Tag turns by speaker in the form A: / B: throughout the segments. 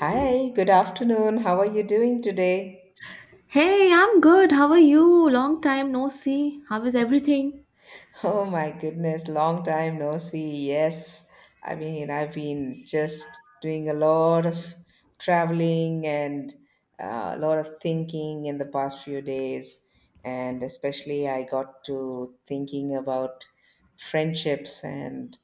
A: Hi, good afternoon. How are you doing today?
B: Hey, I'm good. How are you? Long time no see. How is everything?
A: Oh my goodness, long time no see. Yes, I mean, I've been just doing a lot of traveling and a lot of thinking in the past few days. And especially, I got to thinking about friendships and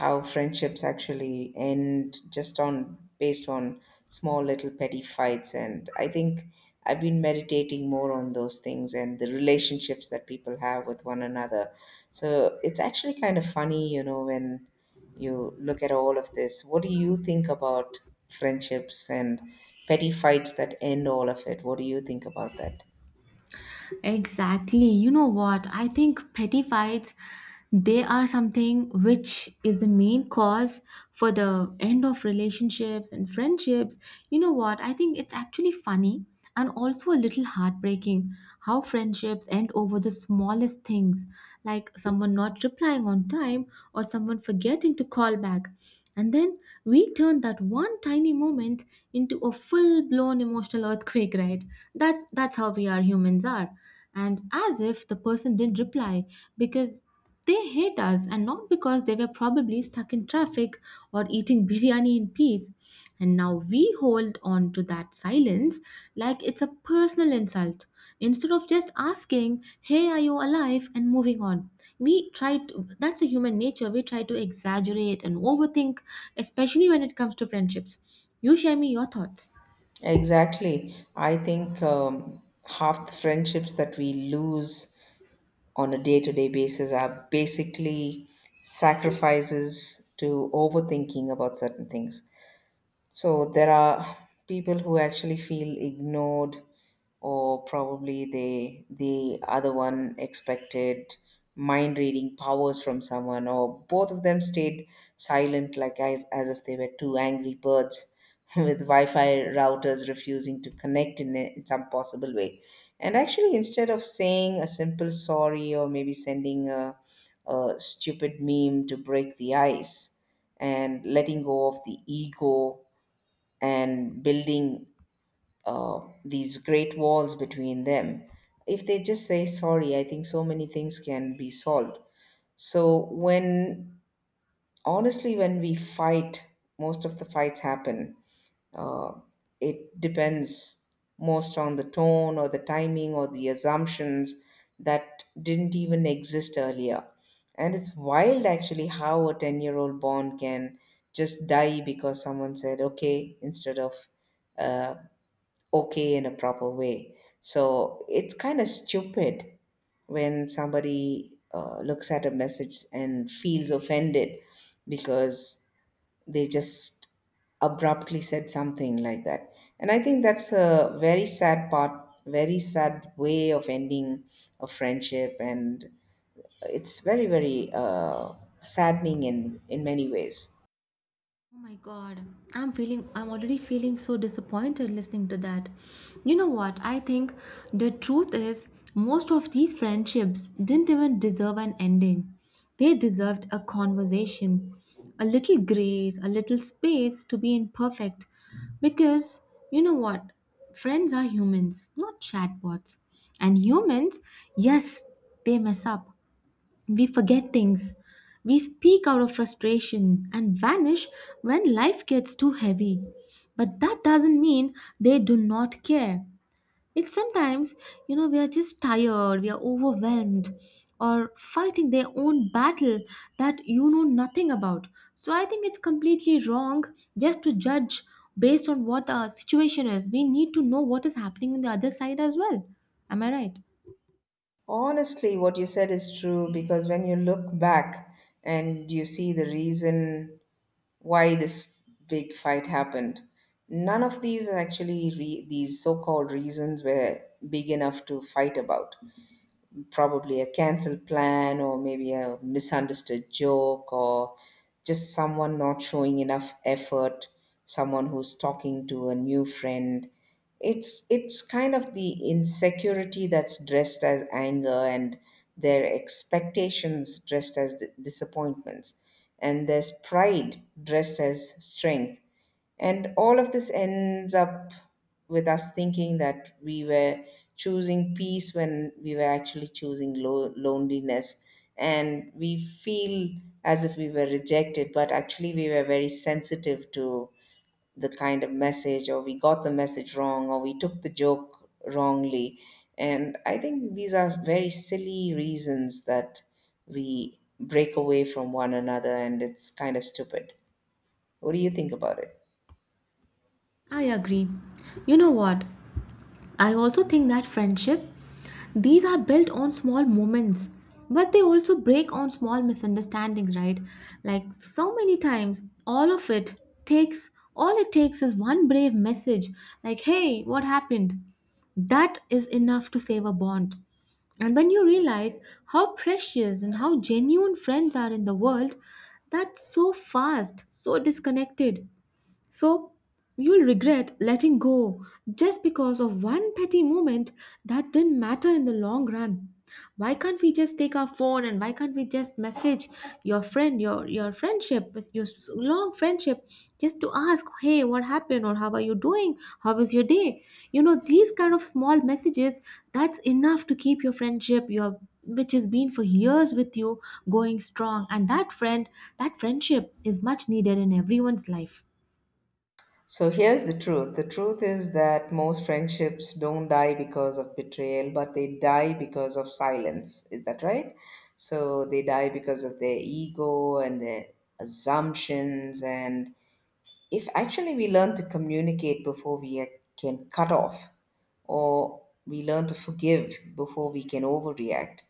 A: how friendships actually end just on based on small little petty fights. And I think I've been meditating more on those things and the relationships that people have with one another. So it's actually kind of funny, when you look at all of this, what do you think about friendships and petty fights that end all of it? What do you think about that?
B: Exactly. You know what? I think petty fights, they are something which is the main cause for the end of relationships and friendships. You know what? I think it's actually funny and also a little heartbreaking how friendships end over the smallest things, like someone not replying on time or someone forgetting to call back. And then we turn that one tiny moment into a full-blown emotional earthquake, right? That's how we are humans are. And as if the person didn't reply because they hate us, and not because they were probably stuck in traffic or eating biryani in peace. And now we hold on to that silence like it's a personal insult, instead of just asking, hey, are you alive, and moving on. We try to, that's a human nature, we try to exaggerate and overthink, especially when it comes to friendships. You share me your thoughts.
A: Exactly. I think half the friendships that we lose on a day to day basis are basically sacrifices to overthinking about certain things. So there are people who actually feel ignored, or probably the other one expected mind reading powers from someone, or both of them stayed silent, like as if they were two angry birds with Wi-Fi routers refusing to connect in some possible way. And actually, instead of saying a simple sorry or maybe sending a stupid meme to break the ice and letting go of the ego and building these great walls between them. If they just say sorry, I think so many things can be solved. So, when honestly, when we fight, most of the fights happen. Uh, it depends most on the tone or the timing or the assumptions that didn't even exist earlier. And it's wild actually how a 10-year-old bond can just die because someone said okay instead of uh, okay in a proper way. So it's kind of stupid when somebody looks at a message and feels offended because they just abruptly said something like that. And I think that's a very sad part, very sad way of ending a friendship. And it's very, very saddening in many ways.
B: Oh my god, I'm already feeling so disappointed listening to that. You know what? I think the truth is, most of these friendships didn't even deserve an ending. They deserved a conversation, a little grace, a little space to be imperfect. Because, you know what? Friends are humans, not chatbots. And humans, yes, they mess up. We forget things. We speak out of frustration and vanish when life gets too heavy. But that doesn't mean they do not care. It's sometimes, you know, we are just tired, we are overwhelmed, or fighting their own battle that you know nothing about. So I think it's completely wrong just to judge based on what our situation is. We need to know what is happening on the other side as well. Am I right?
A: Honestly, what you said is true because when you look back and you see the reason why this big fight happened, none of these actually these so-called reasons were big enough to fight about. Probably a cancelled plan or maybe a misunderstood joke or just someone not showing enough effort, someone who's talking to a new friend. It's kind of the insecurity that's dressed as anger, and their expectations dressed as disappointments, and there's pride dressed as strength. And all of this ends up with us thinking that we were choosing peace when we were actually choosing loneliness. And we feel as if we were rejected, but actually we were very sensitive to the kind of message, or we got the message wrong, or we took the joke wrongly. And I think these are very silly reasons that we break away from one another, and it's kind of stupid. What do you think about it?
B: I agree. You know what? I also think that friendship, these are built on small moments, but they also break on small misunderstandings, right? Like so many times, all of it takes, all it takes is one brave message, like, hey, what happened? That is enough to save a bond. And when you realize how precious and how genuine friends are in the world, that's so fast, so disconnected. So you'll regret letting go just because of one petty moment that didn't matter in the long run. Why can't we just take our phone, and why can't we just message your friend, your friendship, your long friendship, just to ask, hey, what happened, or how are you doing? How was your day? You know, these kind of small messages, that's enough to keep your friendship, your which has been for years with you, going strong. And that friendship is much needed in everyone's life.
A: So here's the truth. The truth is that most friendships don't die because of betrayal, but they die because of silence. Is that right? So they die because of their ego and their assumptions. And if actually we learn to communicate before we can cut off, or we learn to forgive before we can overreact,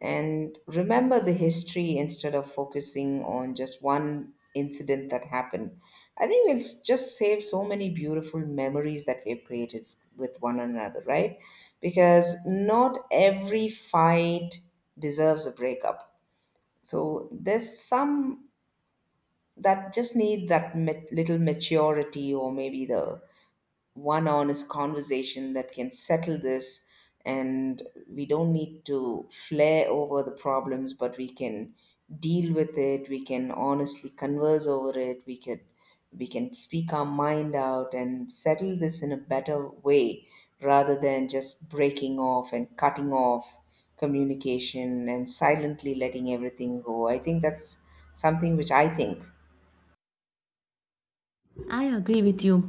A: and remember the history instead of focusing on just one incident that happened. I think we'll just save so many beautiful memories that we've created with one another, right? Because not every fight deserves a breakup. So there's some that just need that little maturity or maybe the one honest conversation that can settle this. And we don't need to flare over the problems, but we can deal with it. We can honestly converse over it. We can speak our mind out and settle this in a better way rather than just breaking off and cutting off communication and silently letting everything go. I think that's something which I think
B: I agree with you.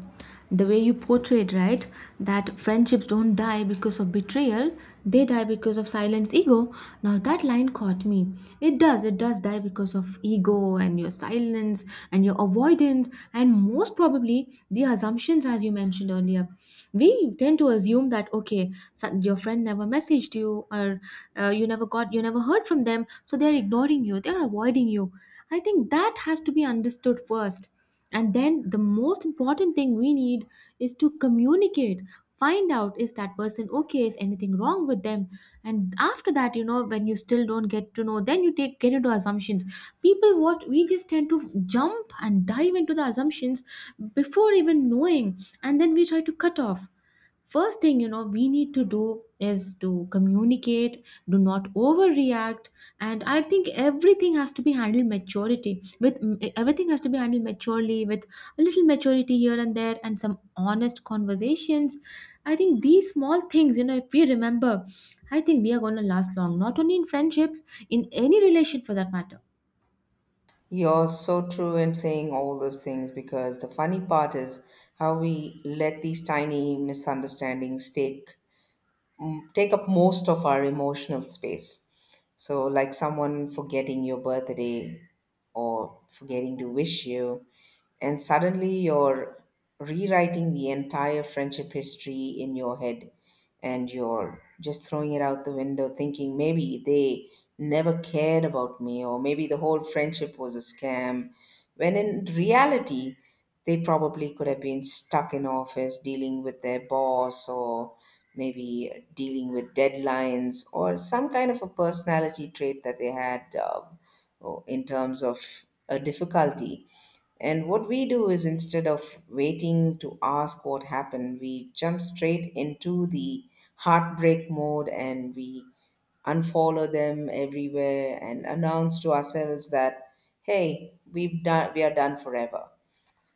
B: The way you portrayed, right, that friendships don't die because of betrayal, they die because of silence, ego. Now that line caught me. It does, die because of ego and your silence and your avoidance, and most probably the assumptions, as you mentioned earlier. We tend to assume that, okay, your friend never messaged you, or you never heard from them, so they're ignoring you, they're avoiding you. I think that has to be understood first, and then the most important thing we need is to communicate, find out, is that person okay, is anything wrong with them? And after that, you know, when you still don't get to know, then you take get into assumptions. People, what we just tend to, jump and dive into the assumptions before even knowing, and then we try to cut off. First thing, you know, we need to do is to communicate. Do not overreact. And I think everything has to be handled maturely with a little maturity here and there, and some honest conversations. I think these small things, you know, if we remember, I think we are going to last long, not only in friendships, in any relation for that matter.
A: You're so true in saying all those things because the funny part is how we let these tiny misunderstandings take and take up most of our emotional space. So, like someone forgetting your birthday or forgetting to wish you, and suddenly you're rewriting the entire friendship history in your head and you're just throwing it out the window thinking maybe they never cared about me or maybe the whole friendship was a scam. When in reality they probably could have been stuck in office dealing with their boss or maybe dealing with deadlines or some kind of a personality trait that they had in terms of a difficulty. And what we do is instead of waiting to ask what happened, we jump straight into the heartbreak mode and we unfollow them everywhere and announce to ourselves that, hey, we are done forever.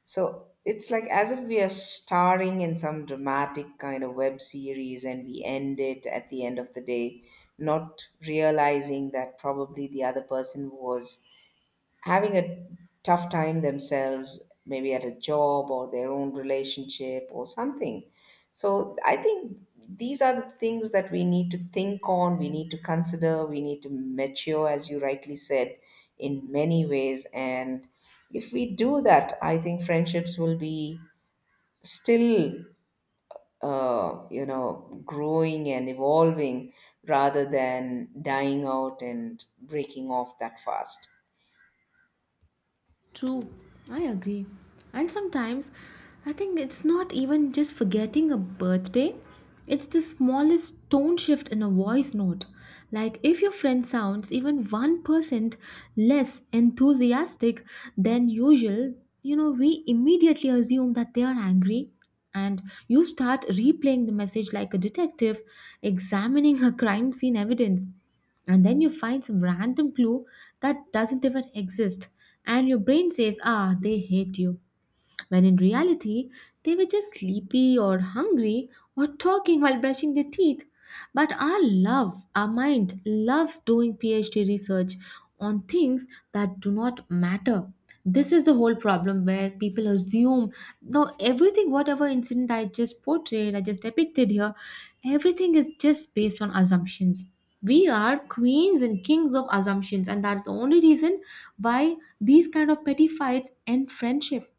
A: So it's like as if we are starring in some dramatic kind of web series and we end it at the end of the day, not realizing that probably the other person was having a tough time themselves, maybe at a job or their own relationship or something. So I think these are the things that we need to think on, we need to consider, we need to mature, as you rightly said, in many ways. And if we do that, I think friendships will be still, growing and evolving rather than dying out and breaking off that fast.
B: True, I agree. And sometimes I think it's not even just forgetting a birthday, it's the smallest tone shift in a voice note. Like if your friend sounds even 1% less enthusiastic than usual, you know, we immediately assume that they are angry, and you start replaying the message like a detective examining a crime scene evidence, and then you find some random clue that doesn't even exist, and your brain says, ah, they hate you, when in reality they were just sleepy or hungry or talking while brushing their teeth. But our mind loves doing PhD research on things that do not matter. This is the whole problem where people assume no everything, whatever incident I just depicted here, everything is just based on assumptions. We are queens and kings of assumptions, and that's the only reason why these kind of petty fights end friendship.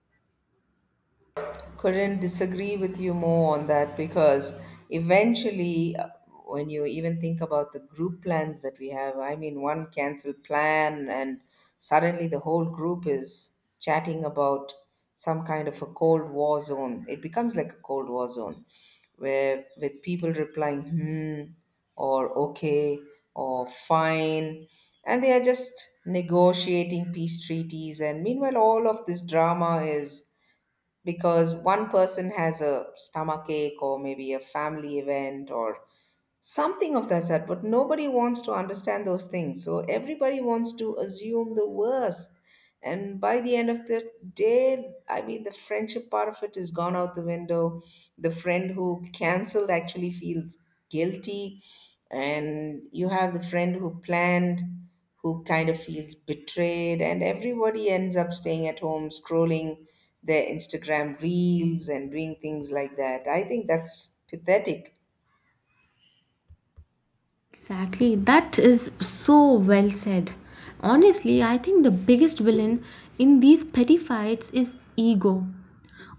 A: Couldn't disagree with you more on that because eventually when you even think about the group plans that we have, I mean one cancelled plan and suddenly the whole group is chatting about some kind of a cold war zone. It becomes like a cold war zone where with people replying hmm or okay or fine, and they are just negotiating peace treaties. And meanwhile all of this drama is because one person has a stomach ache or maybe a family event or something of that sort, but nobody wants to understand those things, so everybody wants to assume the worst. And by the end of the day, I mean the friendship part of it is gone out the window. The friend who cancelled actually feels guilty, and you have the friend who planned who kind of feels betrayed, and everybody ends up staying at home scrolling their Instagram reels and doing things like that. I think that's pathetic.
B: Exactly, that is so well said. Honestly, I think the biggest villain in these petty fights is ego.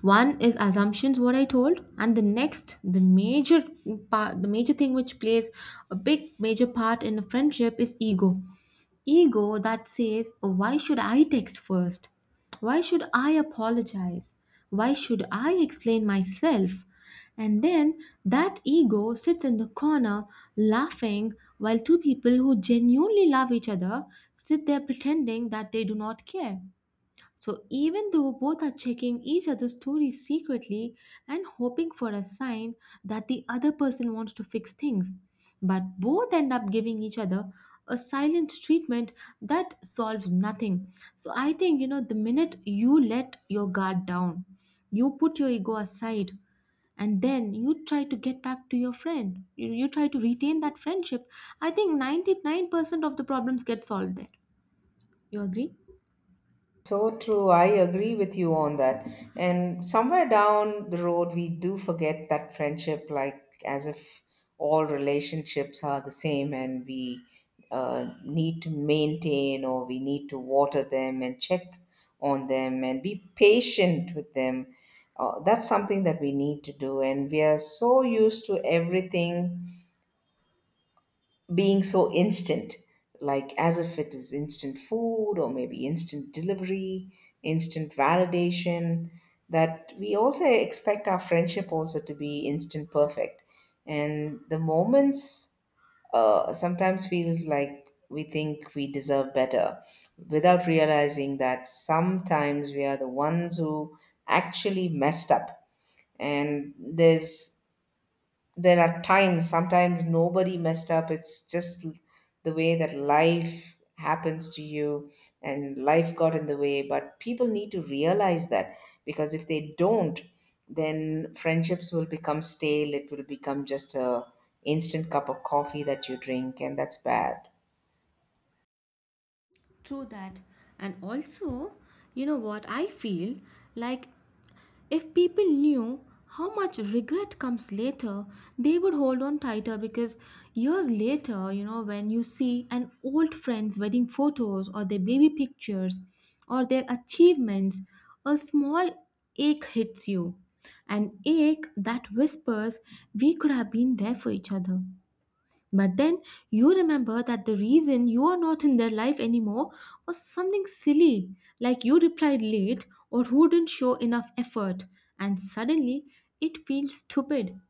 B: One is assumptions, what I told, and the next, the major thing which plays a big major part in a friendship is ego. Ego that says, why should I text first? Why should I apologize? Why should I explain myself? And then that ego sits in the corner laughing, while two people who genuinely love each other sit there pretending that they do not care. So even though both are checking each other's stories secretly and hoping for a sign that the other person wants to fix things, but both end up giving each other a silent treatment that solves nothing. So I think, you know, the minute you let your guard down, you put your ego aside, and then you try to get back to your friend, you try to retain that friendship, I think 99% of the problems get solved there. You agree?
A: So true. I agree with you on that. And somewhere down the road, we do forget that friendship, like as if all relationships are the same and we need to maintain or we need to water them and check on them and be patient with them. That's something that we need to do. And we are so used to everything being so instant, like as if it is instant food or maybe instant delivery, instant validation, that we also expect our friendship also to be instant perfect. And the moments sometimes feels like we think we deserve better without realizing that sometimes we are the ones who actually messed up. And there are times sometimes nobody messed up. It's just the way that life happens to you, and life got in the way. But people need to realize that, because if they don't, then friendships will become stale. It will become just a instant cup of coffee that you drink, and that's bad.
B: True that. And also, you know what, I feel like if people knew how much regret comes later, they would hold on tighter, because years later, you know, when you see an old friend's wedding photos or their baby pictures or their achievements, a small ache hits you. An ache that whispers, we could have been there for each other. But then you remember that the reason you are not in their life anymore was something silly, like you replied late, or who didn't show enough effort, and suddenly it feels stupid.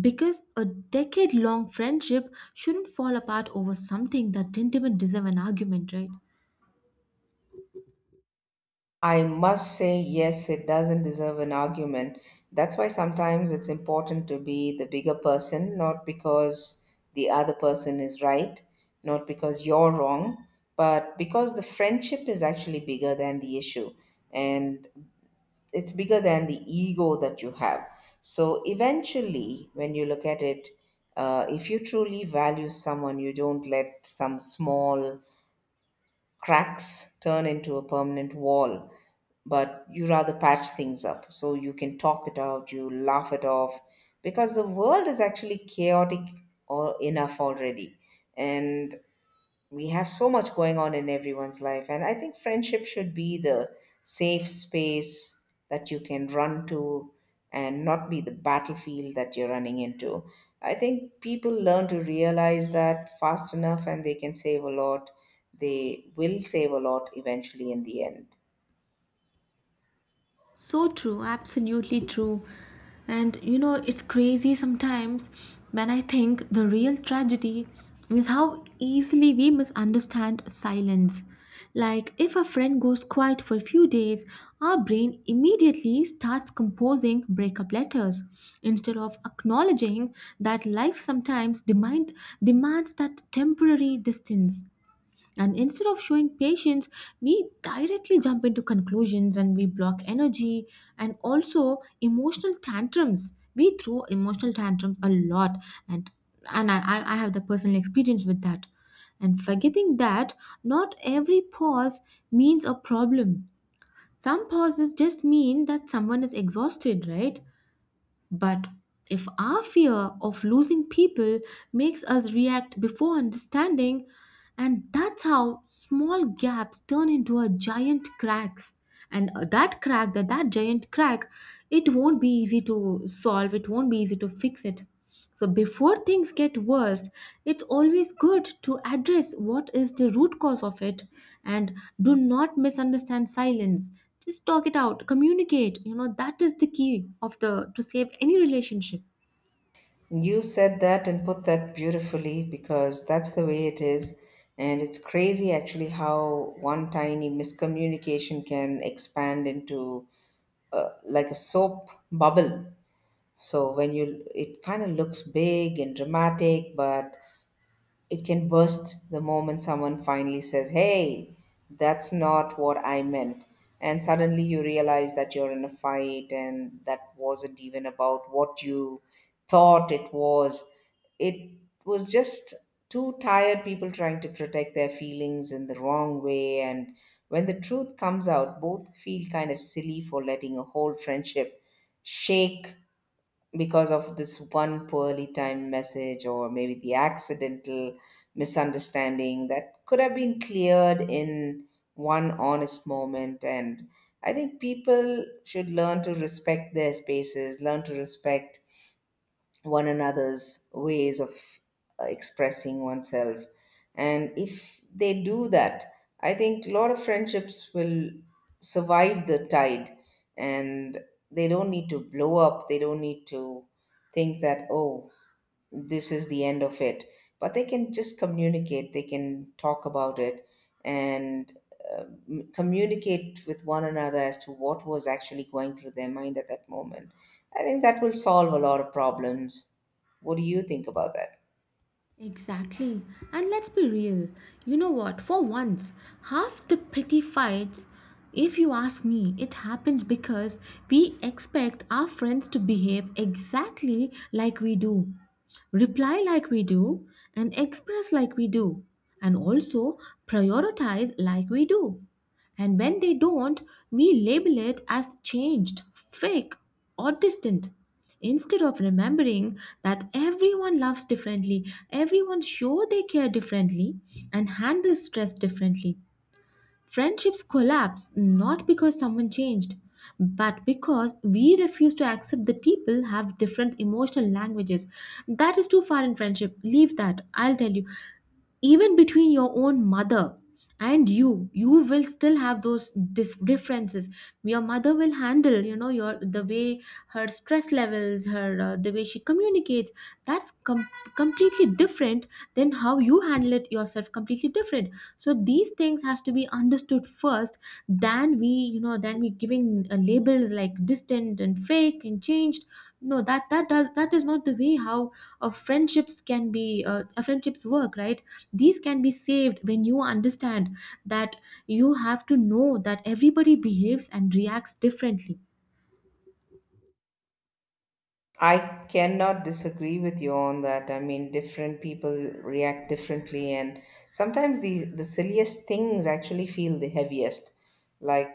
B: Because a decade long friendship shouldn't fall apart over something that didn't even deserve an argument, right?
A: I must say, yes, it doesn't deserve an argument. That's why sometimes it's important to be the bigger person, not because the other person is right, not because you're wrong, but because the friendship is actually bigger than the issue, and it's bigger than the ego that you have. So eventually, when you look at it, if you truly value someone, you don't let some small cracks turn into a permanent wall, but you rather patch things up so you can talk it out, you laugh it off, because the world is actually chaotic or enough already. And we have so much going on in everyone's life, and I think friendship should be the safe space that you can run to and not be the battlefield that you're running into. I think people learn to realize that fast enough, and they can save a lot. They will save a lot eventually in the end.
B: So true, absolutely true. And you know, it's crazy sometimes when I think the real tragedy is how easily we misunderstand silence. Like, if a friend goes quiet for a few days, our brain immediately starts composing breakup letters, instead of acknowledging that life sometimes demands that temporary distance. And instead of showing patience, we directly jump into conclusions, and we block energy and also emotional tantrums. We throw emotional tantrums a lot, and and I have the personal experience with that. And forgetting that not every pause means a problem. Some pauses just mean that someone is exhausted, right? But if our fear of losing people makes us react before understanding, and that's how small gaps turn into a giant cracks. And that crack, that giant crack, it won't be easy to solve, it won't be easy to fix it. So, before things get worse, it's always good to address what is the root cause of it, and do not misunderstand silence. Just talk it out, communicate. You know, that is the key of the to save any relationship.
A: You said that and put that beautifully because that's the way it is. And it's crazy actually how one tiny miscommunication can expand into like a soap bubble. So, it kind of looks big and dramatic, but it can burst the moment someone finally says, hey, that's not what I meant. And suddenly you realize that you're in a fight and that wasn't even about what you thought it was. It was just two tired people trying to protect their feelings in the wrong way. And when the truth comes out, both feel kind of silly for letting a whole friendship shake because of this one poorly timed message, or maybe the accidental misunderstanding that could have been cleared in one honest moment. And I think people should learn to respect their spaces, learn to respect one another's ways of expressing oneself. And if they do that, I think a lot of friendships will survive the tide, and they don't need to blow up. They don't need to think that, oh, this is the end of it, but they can just communicate, they can talk about it, and communicate with one another as to what was actually going through their mind at that moment. I think that will solve a lot of problems. What do you think about that?
B: Exactly. And let's be real. You know what? For once, half the petty fights, if you ask me, it happens because we expect our friends to behave exactly like we do, reply like we do, and express like we do, and also prioritize like we do. And when they don't, we label it as changed, fake, or distant, instead of remembering that everyone loves differently, everyone show they care differently, and handles stress differently. Friendships collapse not because someone changed, but because we refuse to accept that people have different emotional languages. That is too far in friendship. Leave that. I'll tell you, even between your own mother and you, will still have those differences. Your mother will handle, you know, your the way her stress levels, her, the way she communicates, that's completely different than how you handle it yourself, completely different. So these things has to be understood first, than we, you know, than we giving labels like distant and fake and changed. No, that does, that is not the way how friendships can be, friendships work, right? These can be saved when you understand that you have to know that everybody behaves and reacts differently.
A: I cannot disagree with you on that. I mean, different people react differently, and sometimes the silliest things actually feel the heaviest. Like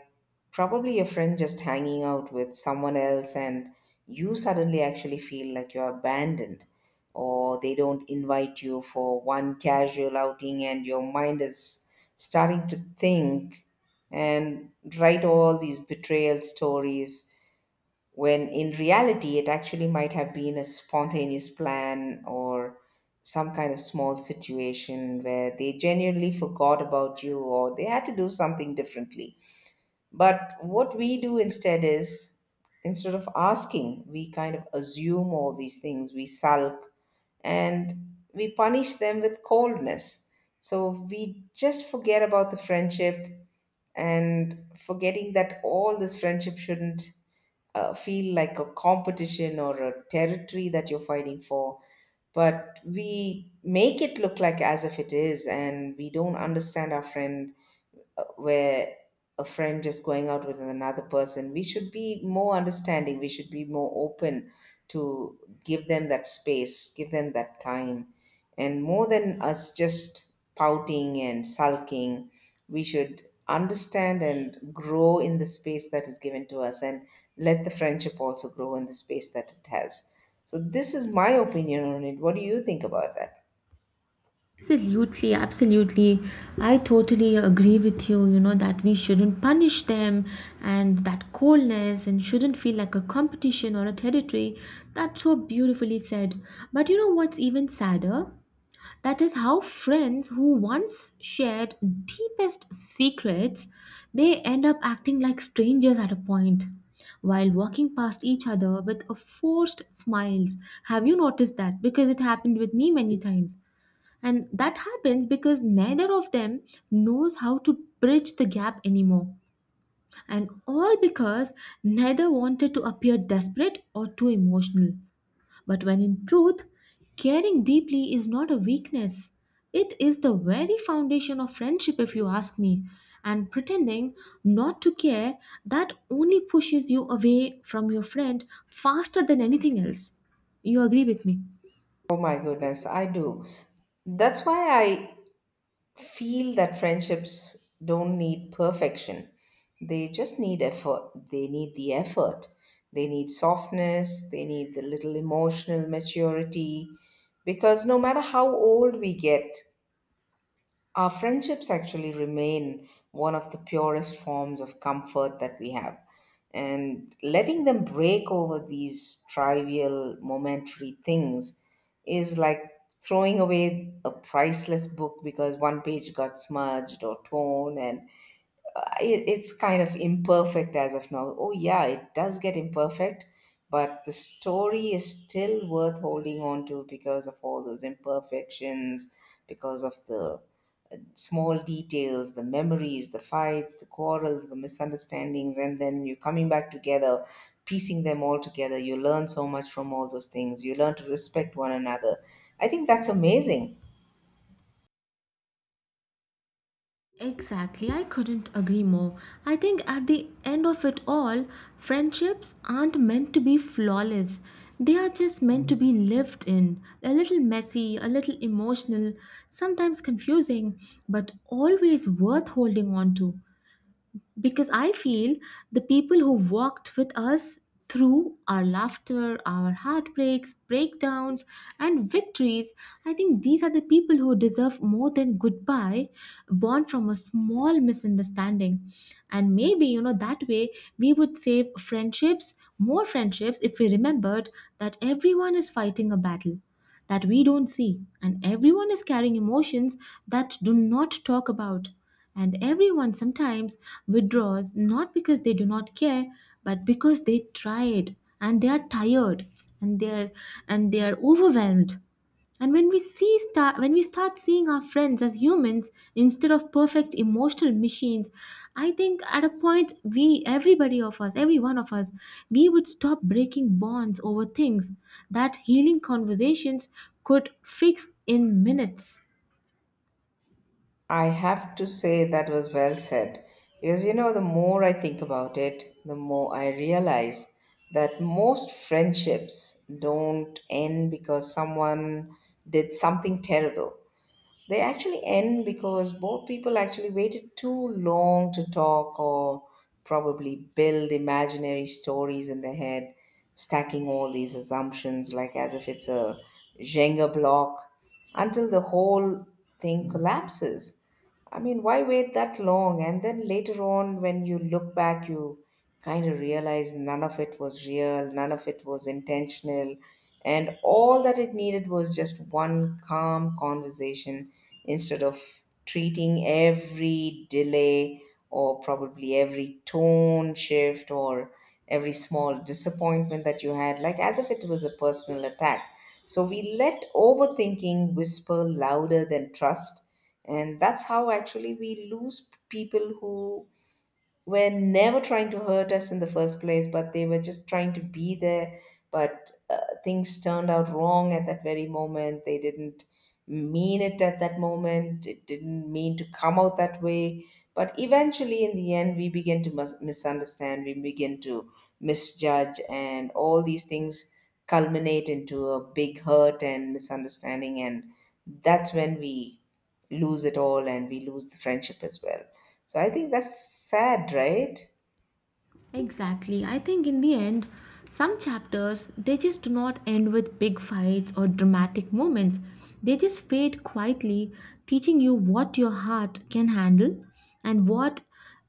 A: probably a friend just hanging out with someone else, and you suddenly actually feel like you're abandoned, or they don't invite you for one casual outing, and your mind is starting to think and write all these betrayal stories, when in reality it actually might have been a spontaneous plan or some kind of small situation where they genuinely forgot about you or they had to do something differently. But what we do instead is, instead of asking, we kind of assume all these things, we sulk, and we punish them with coldness. So we just forget about the friendship, and forgetting that all this friendship shouldn't feel like a competition or a territory that you're fighting for. But we make it look like as if it is, and we don't understand our friend where a friend just going out with another person. We should be more understanding. We should be more open to give them that space, give them that time. And more than us just pouting and sulking, we should understand and grow in the space that is given to us and let the friendship also grow in the space that it has. So, this is my opinion on it. What do you think about that?
B: Absolutely, absolutely, I totally agree with you. You know that we shouldn't punish them and that coldness, and shouldn't feel like a competition or a territory. That's so beautifully said. But you know what's even sadder, that is how friends who once shared deepest secrets, they end up acting like strangers at a point, while walking past each other with a forced smiles. Have you noticed that? Because it happened with me many times. And that happens because neither of them knows how to bridge the gap anymore. And all because neither wanted to appear desperate or too emotional. But when in truth, caring deeply is not a weakness. It is the very foundation of friendship, if you ask me. And pretending not to care, that only pushes you away from your friend faster than anything else. You agree with me?
A: Oh my goodness, I do. That's why feel that friendships don't need perfection. They just need effort. They need the effort. They need softness. They need the little emotional maturity. Because no matter how old we get, our friendships actually remain one of the purest forms of comfort that we have. And letting them break over these trivial, momentary things is like throwing away a priceless book because one page got smudged or torn, and it's kind of imperfect as of now. Oh, yeah, it does get imperfect, but the story is still worth holding on to because of all those imperfections, because of the small details, the memories, the fights, the quarrels, the misunderstandings, and then you coming back together, piecing them all together. You learn so much from all those things. You learn to respect one another. I think that's amazing.
B: Exactly, I couldn't agree more. I think at the end of it all, friendships aren't meant to be flawless. They are just meant to be lived in. A little messy, a little emotional, sometimes confusing, but always worth holding on to, because I feel the people who walked with us through our laughter, our heartbreaks, breakdowns, and victories, I think these are the people who deserve more than goodbye, born from a small misunderstanding. And maybe, you know, that way we would save friendships, more friendships, if we remembered that everyone is fighting a battle that we don't see. And everyone is carrying emotions that do not talk about. And everyone sometimes withdraws not because they do not care, but because they tried and they are tired, and they are and they are overwhelmed. And when we start seeing our friends as humans instead of perfect emotional machines, I think at a point, we everybody of us, every one of us, we would stop breaking bonds over things that healing conversations could fix in minutes.
A: I have to say that was well said. Because you know, the more I think about it, the more I realize that most friendships don't end because someone did something terrible. They actually end because both people actually waited too long to talk, or probably build imaginary stories in their head, stacking all these assumptions like as if it's a Jenga block until the whole thing collapses. I mean, why wait that long? And then later on, when you look back, you kind of realize none of it was real, none of it was intentional. And all that it needed was just one calm conversation instead of treating every delay or probably every tone shift or every small disappointment that you had, like as if it was a personal attack. So we let overthinking whisper louder than trust, and that's how actually we lose people who were never trying to hurt us in the first place, but they were just trying to be there. But things turned out wrong at that very moment. They didn't mean it at that moment. It didn't mean to come out that way. But eventually, in the end, we begin to misunderstand, we begin to misjudge, and all these things culminate into a big hurt and misunderstanding. And that's when we lose it all and we lose the friendship as well. So I think that's sad, right?
B: Exactly. I think in the end, some chapters they just do not end with big fights or dramatic moments. They just fade quietly, teaching you what your heart can handle, and what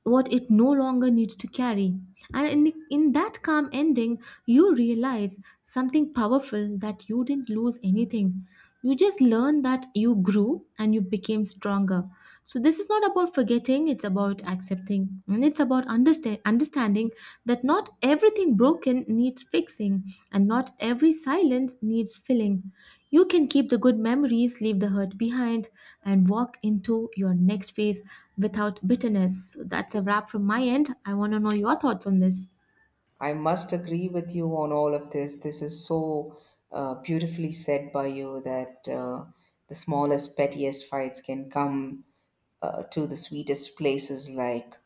B: what it no longer needs to carry. And in that calm ending, you realize something powerful, that you didn't lose anything. You just learn that you grew and you became stronger. So this is not about forgetting, it's about accepting. And it's about understanding that not everything broken needs fixing, and not every silence needs filling. You can keep the good memories, leave the hurt behind, and walk into your next phase without bitterness. So that's a wrap from my end. I want to know your thoughts on this.
A: I must agree with you on all of this. This is so beautifully said by you, that the smallest, pettiest fights can come to the sweetest places, like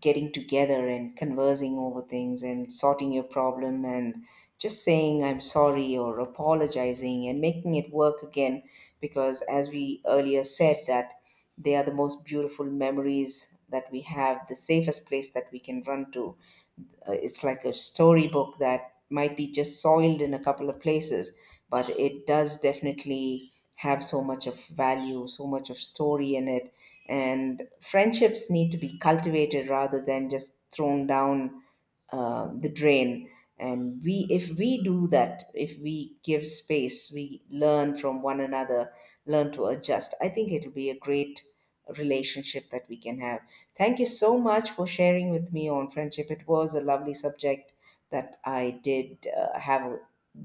A: getting together and conversing over things and sorting your problem and just saying I'm sorry or apologizing and making it work again, because as we earlier said that they are the most beautiful memories that we have, the safest place that we can run to. It's like a storybook that might be just soiled in a couple of places, but it does definitely have so much of value, so much of story in it. And friendships need to be cultivated rather than just thrown down the drain. And we, if we do that, if we give space, we learn from one another, learn to adjust. I think it'll be a great relationship that we can have. Thank you so much for sharing with me on friendship. It was a lovely subject that I did have a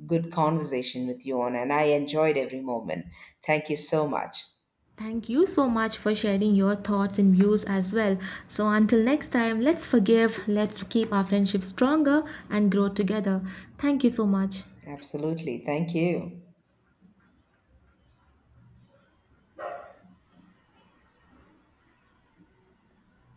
A: good conversation with you on, and I enjoyed every moment. Thank you so much.
B: Thank you so much for sharing your thoughts and views as well. So, until next time, let's forgive, let's keep our friendship stronger and grow together. Thank you so much.
A: Absolutely. Thank you.